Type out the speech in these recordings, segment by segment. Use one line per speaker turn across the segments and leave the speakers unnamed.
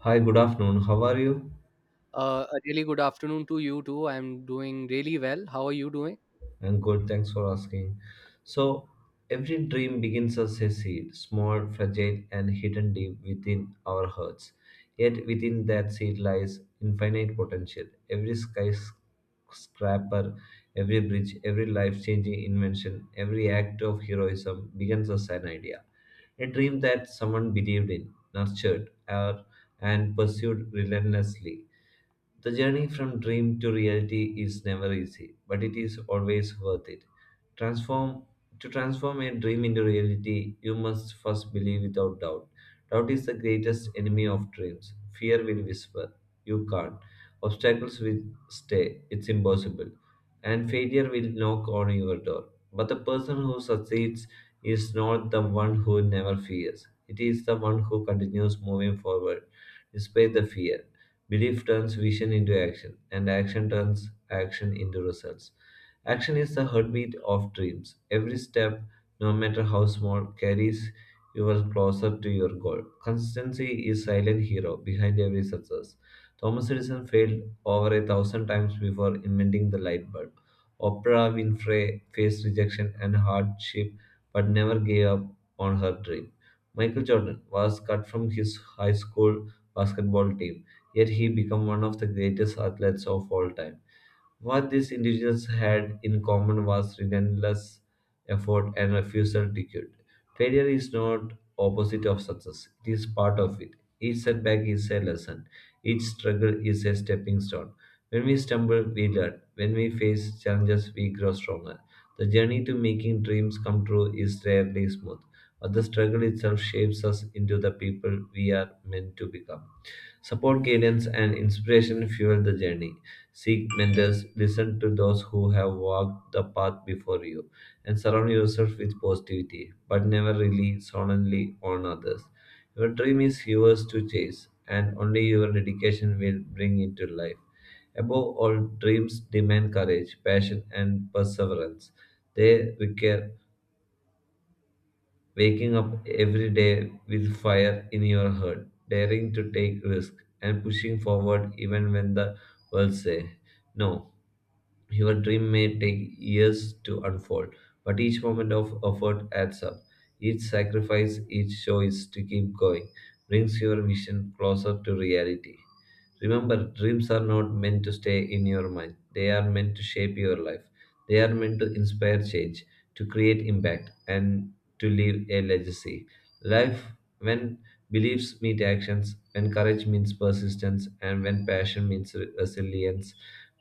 Hi, good afternoon. How are you?
A really good afternoon to you too. I'm doing really well. How are you doing?
I'm good. Thanks for asking. So, every dream begins as a seed, small, fragile, and hidden deep within our hearts. Yet, within that seed lies infinite potential. Every skyscraper, every bridge, every life changing invention, every act of heroism begins as an idea. A dream that someone believed in, nurtured, and pursued relentlessly. The journey from dream to reality is never easy, but it is always worth it. Transform to transform a dream into reality, you must first believe without doubt. Doubt is the greatest enemy of dreams. Fear will whisper, you can't. Obstacles will stay, it's impossible. And failure will knock on your door. But the person who succeeds is not the one who never fears. It is the one who continues moving forward despite the fear. Belief turns vision into action, and action turns action into results. Action is the heartbeat of dreams. Every step, no matter how small, carries you closer to your goal. Consistency is silent hero behind every success. Thomas Edison failed over a thousand times before inventing the light bulb. Oprah Winfrey faced rejection and hardship but never gave up on her dream. Michael Jordan was cut from his high school basketball team, yet he became one of the greatest athletes of all time. What these individuals had in common was relentless effort and refusal to quit. Failure is not opposite of success; it is part of it. Each setback is a lesson. Each struggle is a stepping stone. When we stumble, we learn. When we face challenges, we grow stronger. The journey to making dreams come true is rarely smooth, but the struggle itself shapes us into the people we are meant to become. Support, guidance, and inspiration fuel the journey. Seek mentors, listen to those who have walked the path before you, and surround yourself with positivity, but never rely solely on others. Your dream is yours to chase, and only your dedication will bring it to life. Above all, dreams demand courage, passion, and perseverance. They require waking up every day with fire in your heart, daring to take risks, and pushing forward even when the world says no. Your dream may take years to unfold, but each moment of effort adds up. Each sacrifice, each choice to keep going brings your vision closer to reality. Remember, dreams are not meant to stay in your mind, they are meant to shape your life. They are meant to inspire change, to create impact, and to leave a legacy. Life, when beliefs meet actions, when courage means persistence, and when passion means resilience,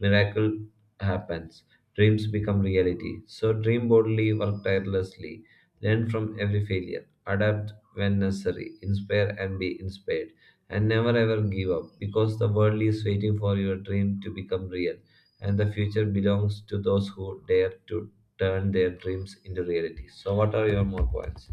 miracle happens, dreams become reality. So dream boldly, work tirelessly, learn from every failure, adapt when necessary, inspire and be inspired, and never ever give up, because the world is waiting for your dream to become real, and the future belongs to those who dare to turn their dreams into reality. So, what are your more points?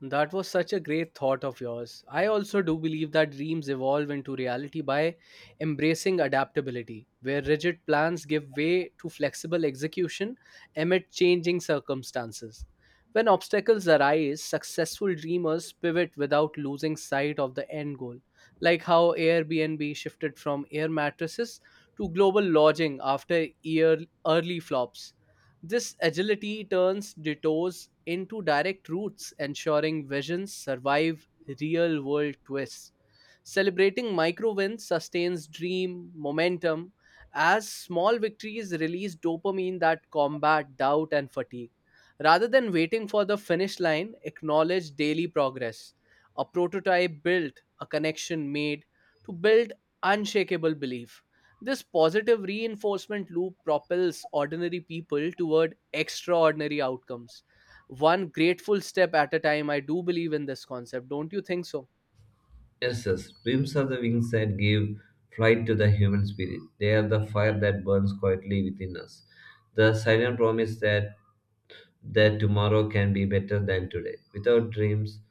That was such a great thought of yours. I also do believe that dreams evolve into reality by embracing adaptability, where rigid plans give way to flexible execution amid changing circumstances. When obstacles arise, successful dreamers pivot without losing sight of the end goal, like how Airbnb shifted from air mattresses to global lodging after year early flops. This agility turns detours into direct routes, ensuring visions survive real world twists. Celebrating micro wins sustains dream momentum as small victories release dopamine that combat doubt and fatigue. Rather than waiting for the finish line, acknowledge daily progress. A prototype built, a connection made to build unshakable belief. This positive reinforcement loop propels ordinary people toward extraordinary outcomes. One grateful step at a time. I do believe in this concept. Don't you think so?
Yes, yes. Dreams are the wings that give flight to the human spirit. They are the fire that burns quietly within us. The silent promise that tomorrow can be better than today. Without dreams,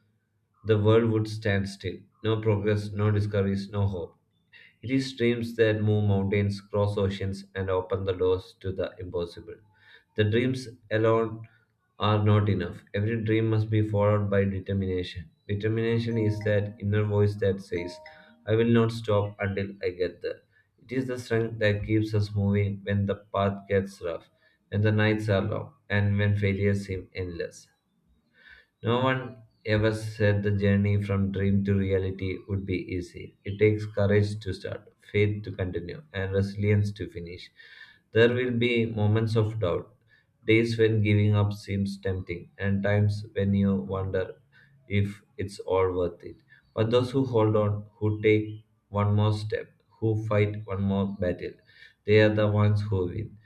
the world would stand still. No progress, no discoveries, no hope. It is dreams that move mountains, cross oceans, and open the doors to the impossible. The dreams alone are not enough. Every dream must be followed by determination. Determination is that inner voice that says, I will not stop until I get there. It is the strength that keeps us moving when the path gets rough, when the nights are long, and when failures seem endless. No one ever said the journey from dream to reality would be easy. It takes courage to start, faith to continue, and resilience to finish. There will be moments of doubt, days when giving up seems tempting, and times when you wonder if it's all worth it. But those who hold on, who take one more step, who fight one more battle, they are the ones who win.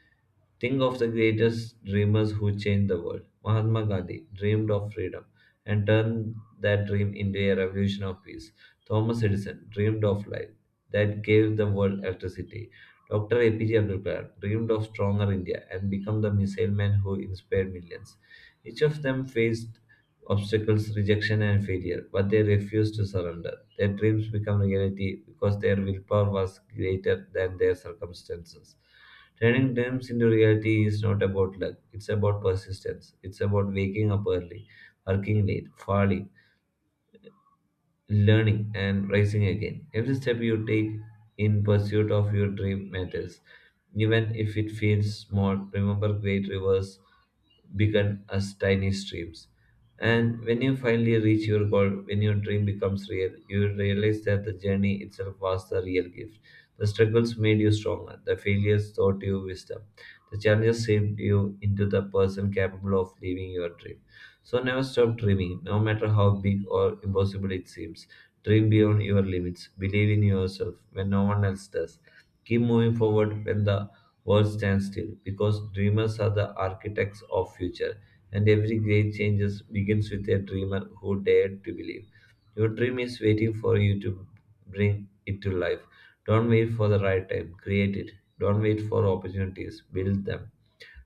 Think of the greatest dreamers who changed the world. Mahatma Gandhi dreamed of freedom and turned that dream into a revolution of peace. Thomas Edison dreamed of light that gave the world electricity. Dr. A P J Abdul Kalam dreamed of stronger India and became the missile man who inspired millions. Each of them faced obstacles, rejection, and failure, but they refused to surrender. Their dreams became reality because their willpower was greater than their circumstances. Turning dreams into reality is not about luck, it's about persistence. It's about waking up early, working late, falling, learning and rising again. Every step you take in pursuit of your dream matters. Even if it feels small, remember great rivers began as tiny streams. And when you finally reach your goal, when your dream becomes real, you will realize that the journey itself was the real gift. The struggles made you stronger, the failures taught you wisdom, the challenges shaped you into the person capable of living your dream. So never stop dreaming, no matter how big or impossible it seems. Dream beyond your limits. Believe in yourself when no one else does. Keep moving forward when the world stands still, because dreamers are the architects of future, and every great changes begins with a dreamer who dared to believe. Your dream is waiting for you to bring it to life. Don't wait for the right time. Create it. Don't wait for opportunities. Build them.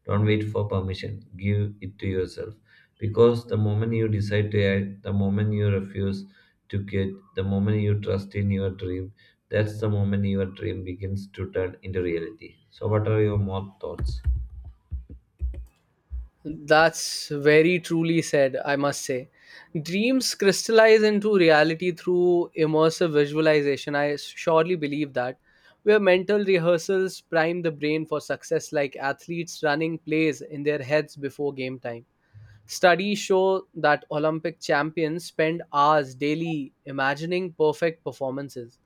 Don't wait for permission. Give it to yourself. Because the moment you decide to act, the moment you refuse to quit, the moment you trust in your dream, that's the moment your dream begins to turn into reality. So, what are your more thoughts?
That's very truly said, I must say. Dreams crystallize into reality through immersive visualization. I surely believe that. Where mental rehearsals prime the brain for success, like athletes running plays in their heads before game time. Studies show that Olympic champions spend hours daily imagining perfect performances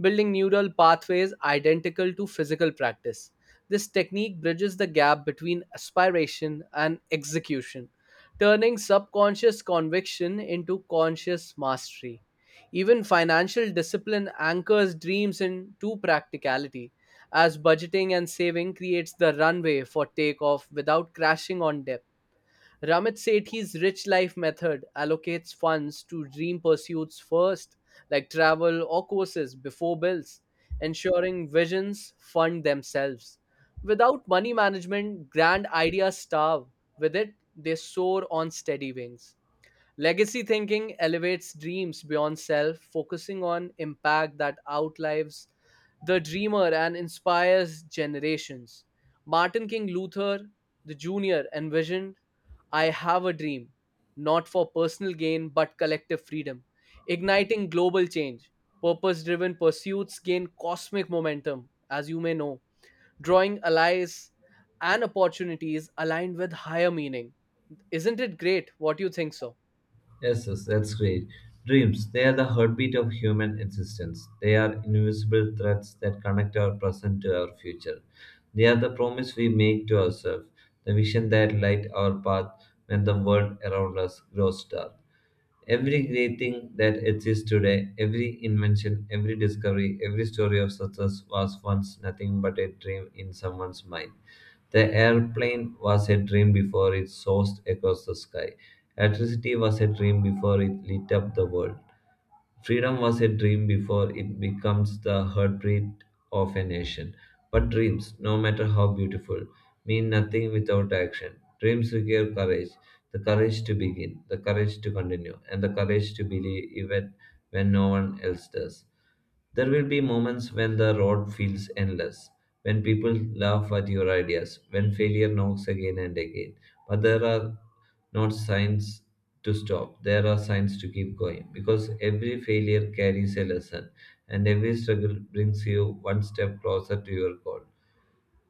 building neural pathways identical to physical practice. This technique bridges the gap between aspiration and execution, turning subconscious conviction into conscious mastery. Even financial discipline anchors dreams into practicality, as budgeting and saving creates the runway for takeoff without crashing on debt. Ramit Sethi's rich life method allocates funds to dream pursuits first, like travel or courses before bills, ensuring visions fund themselves. Without money management, grand ideas starve. With it, they soar on steady wings. Legacy thinking elevates dreams beyond self, focusing on impact that outlives the dreamer and inspires generations. Martin King Luther the Jr. envisioned, I have a dream, not for personal gain but collective freedom, igniting global change. Purpose driven pursuits gain cosmic momentum, as you may know, drawing allies and opportunities aligned with higher meaning. Isn't it great? What do you think so?
Yes, yes, that's great. Dreams, they are the heartbeat of human existence. They are invisible threads that connect our present to our future. They are the promise we make to ourselves, the vision that light our path when the world around us grows dark. Every great thing that exists today, every invention, every discovery, every story of success was once nothing but a dream in someone's mind. The airplane was a dream before it soared across the sky. Electricity was a dream before it lit up the world. Freedom was a dream before it becomes the heartbeat of a nation. But dreams, no matter how beautiful, mean nothing without action. Dreams require courage, the courage to begin, the courage to continue, and the courage to believe even when no one else does. There will be moments when the road feels endless, when people laugh at your ideas, when failure knocks again and again. But there are not signs to stop, there are signs to keep going, because every failure carries a lesson and every struggle brings you one step closer to your goal.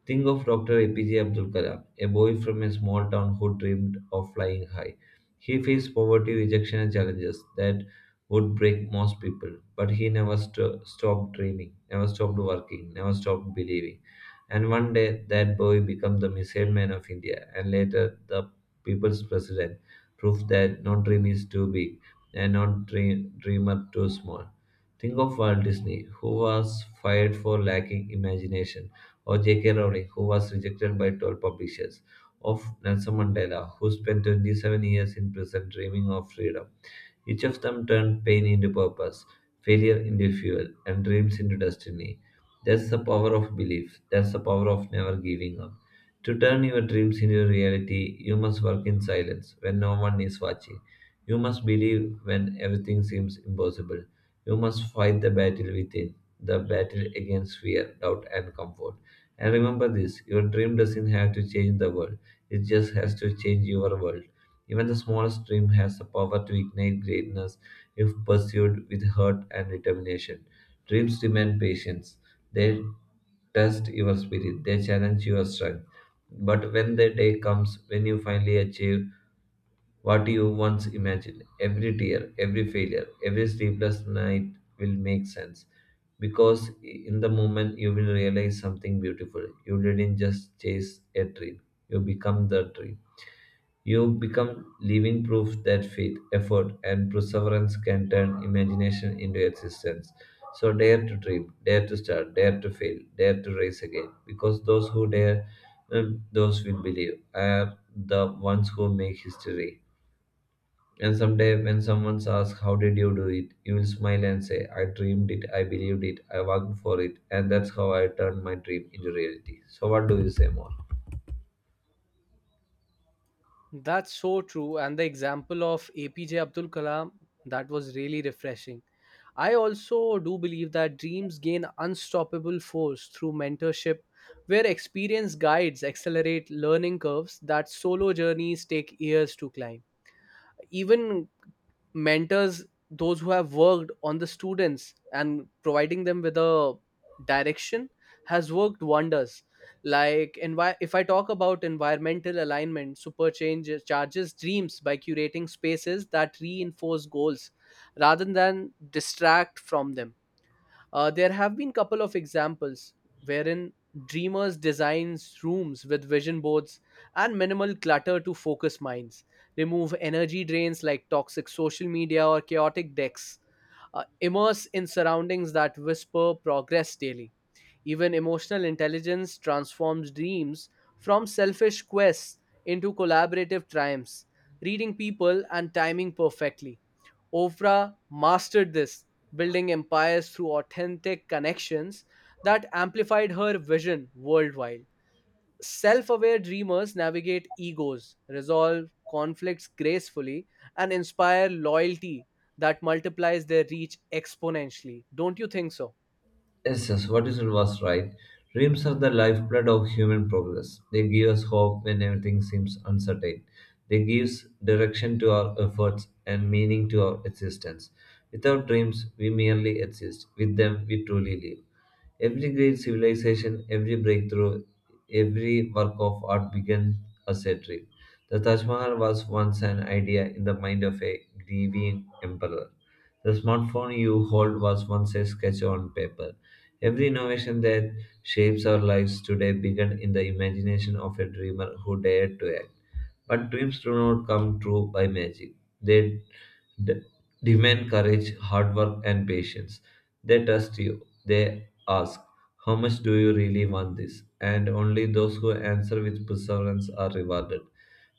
Think of Dr. A P J Abdul Kalam, a boy from a small town who dreamed of flying high. He faced poverty, rejection, and challenges that would break most people, but he never stopped dreaming, never stopped working, never stopped believing. And one day, that boy became the missile man of India, and later, the people's president. Proof that no dream is too big, and not dreamer too small. Think of Walt Disney, who was fired for lacking imagination, or J.K. Rowling, who was rejected by 12 publishers, of Nelson Mandela, who spent 27 years in prison dreaming of freedom. Each of them turned pain into purpose, failure into fuel, and dreams into destiny. That's the power of belief. That's the power of never giving up. To turn your dreams into reality, you must work in silence when no one is watching. You must believe when everything seems impossible. You must fight the battle within, the battle against fear, doubt, and comfort. And remember this, your dream doesn't have to change the world, it just has to change your world. Even the smallest dream has the power to ignite greatness if pursued with heart and determination. Dreams demand patience. They test your spirit, they challenge your strength. But when the day comes when you finally achieve what you once imagined, every tear, every failure, every sleepless night will make sense, because in the moment you will realize something beautiful. You didn't just chase a dream, you become the dream. You become living proof that faith, effort, and perseverance can turn imagination into existence. So dare to dream, dare to start, dare to fail, dare to rise again. Because those who dare, those will believe, are the ones who make history. And someday, when someone asks, how did you do it? You will smile and say, I dreamed it, I believed it, I worked for it, and that's how I turned my dream into reality. So, what do you say more?
That's so true. And the example of APJ Abdul Kalam, that was really refreshing. I also do believe that dreams gain unstoppable force through mentorship, where experienced guides accelerate learning curves that solo journeys take years to climb. Even mentors those who have worked on the students and providing them with a direction has worked wonders, like if I talk about environmental alignment super change charges dreams by curating spaces that reinforce goals rather than distract from them. There have been couple of examples wherein dreamers designs rooms with vision boards and minimal clutter to focus minds, remove energy drains like toxic social media or chaotic decks. Immerse in surroundings that whisper progress daily. Even emotional intelligence transforms dreams from selfish quests into collaborative triumphs, reading people and timing perfectly. Oprah mastered this, building empires through authentic connections that amplified her vision worldwide. Self aware dreamers navigate egos, resolve conflicts gracefully, and inspire loyalty that multiplies their reach exponentially. Don't you think so?
Yes, yes, what you said was right. Dreams are the lifeblood of human progress. They give us hope when everything seems uncertain. They give direction to our efforts and meaning to our existence. Without dreams, we merely exist. With them, we truly live. Every great civilization, every breakthrough, every work of art began as a dream. The Taj Mahal was once an idea in the mind of a grieving emperor. The smartphone you hold was once a sketch on paper. Every innovation that shapes our lives today began in the imagination of a dreamer who dared to act. But dreams do not come true by magic. They d- Demand courage, hard work, and patience. They trust you. They ask, how much do you really want this? And only those who answer with perseverance are rewarded.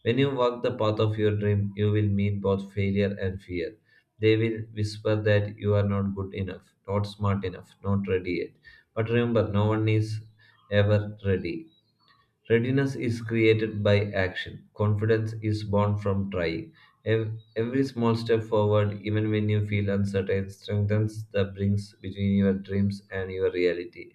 When you walk the path of your dream, you will meet both failure and fear. They will whisper that you are not good enough, not smart enough, not ready yet. But remember, no one is ever ready. Readiness is created by action. Confidence is born from trying. Every small step forward, even when you feel uncertain, strengthens the links between your dreams and your reality.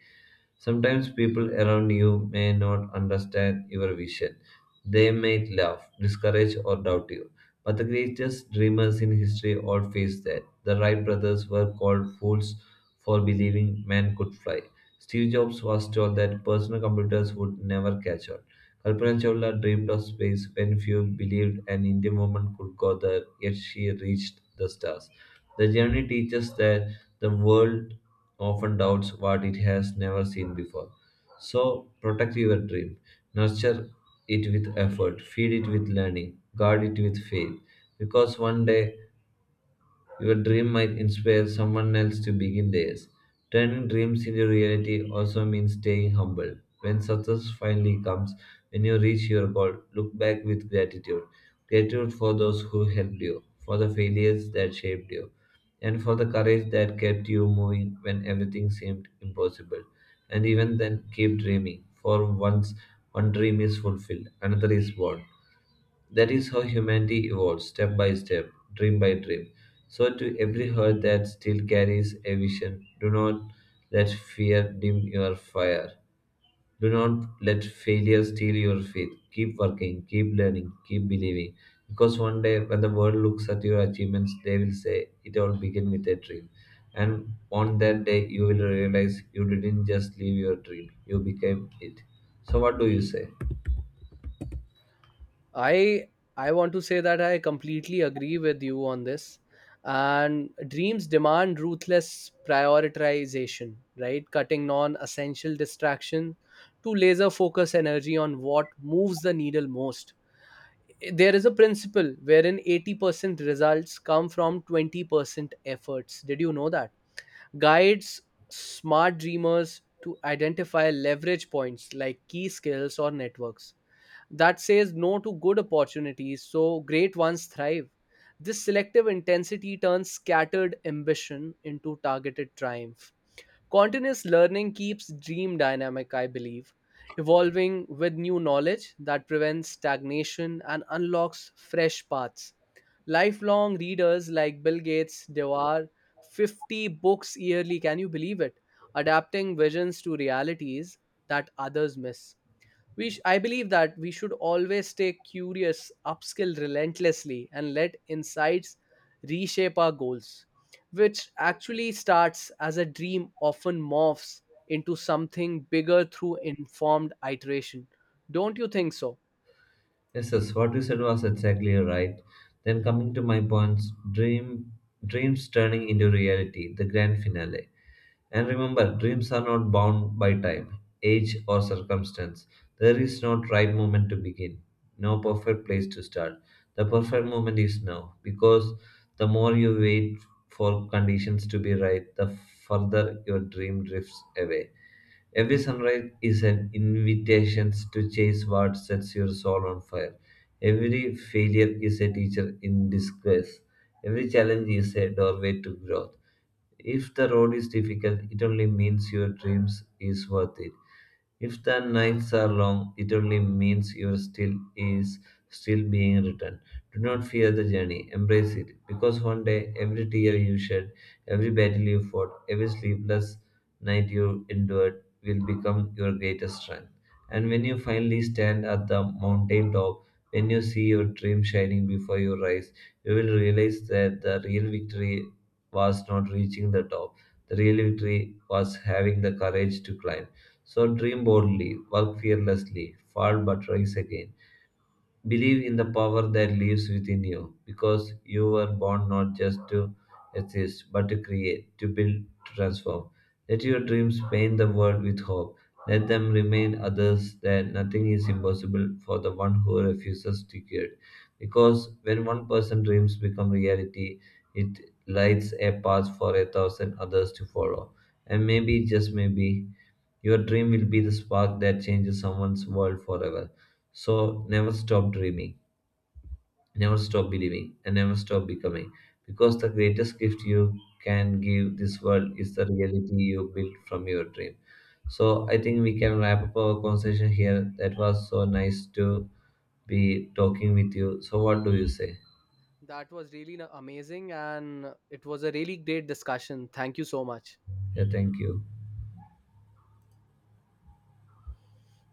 Sometimes people around you may not understand your vision. They may laugh, discourage, or doubt you. But the greatest dreamers in history all faced that. The Wright brothers were called fools for believing man could fly. Steve Jobs was told that personal computers would never catch on. Kalpana Chawla dreamed of space when few believed an Indian woman could go there, yet she reached the stars. The journey teaches that the world often doubts what it has never seen before. So protect your dream, nurture it with effort, feed it with learning, guard it with faith, because one day your dream might inspire someone else to begin theirs. Turning dreams into reality also means staying humble. When success finally comes, when you reach your goal, look back with gratitude. Gratitude for those who helped you, for the failures that shaped you, and for the courage that kept you moving when everything seemed impossible. And even then, keep dreaming, for once one dream is fulfilled, another is born. That is how humanity evolves, step by step, dream by dream. So, to every heart that still carries a vision, do not let fear dim your fire. Do not let failure steal your faith. Keep working, keep learning, keep believing. Because one day, when the world looks at your achievements, they will say, it all began with a dream. And on that day, you will realize you didn't just live your dream, you became it. So, what do you say?
I I want to say that I completely agree with you on this. And dreams demand ruthless prioritization, right? Cutting non-essential distraction to laser focus energy on what moves the needle most. There is a principle wherein 80% results come from 20% efforts. Did you know that? Guides smart dreamers to identify leverage points like key skills or networks that says no to good opportunities so great ones thrive. This selective intensity turns scattered ambition into targeted triumph. Continuous learning keeps dream dynamic, I believe, evolving with new knowledge that prevents stagnation and unlocks fresh paths. Lifelong readers like Bill Gates devour 50 books yearly, can you believe it? Adapting visions to realities that others miss, I believe that we should always stay curious, upskill relentlessly, and let insights reshape our goals, which actually starts as a dream often morphs into something bigger through informed iteration. Don't you think so?
Yes, yes, what you said was exactly right. Then coming to my points, dreams turning into reality, the grand finale. And remember, dreams are not bound by time, age, or circumstance. There is no right moment to begin, no perfect place to start. The perfect moment is now, because the more you wait for conditions to be right, the further your dream drifts away. Every sunrise is an invitation to chase what sets your soul on fire. Every failure is a teacher in disguise. Every challenge is a doorway to growth. If the road is difficult, it only means your dreams is worth it. If the nights are long, it only means your still being written. Do not fear the journey, embrace it, because one day every tear you shed, every battle you fought, every sleepless night you endured will become your greatest strength. And when you finally stand at the mountain top, when you see your dream shining before your eyes, you will realize that the real victory was not reaching the top. The real victory was having the courage to climb. So dream boldly, work fearlessly, fall but rise again. Believe in the power that lives within you, because you were born not just to exist, but to create, to build, to transform. Let your dreams paint the world with hope. Let them remind others that nothing is impossible for the one who refuses to quit. Because when one person's dreams become reality, it lights a path for a thousand others to follow. And maybe, just maybe, your dream will be the spark that changes someone's world forever. So never stop dreaming, never stop believing, and never stop becoming. Because the greatest gift you can give this world is the reality you build from your dream. So I think we can wrap up our conversation here. That was so nice to be talking with you. So what do you say?
That was really amazing, and it was a really great discussion. Thank you so much.
Yeah, thank you.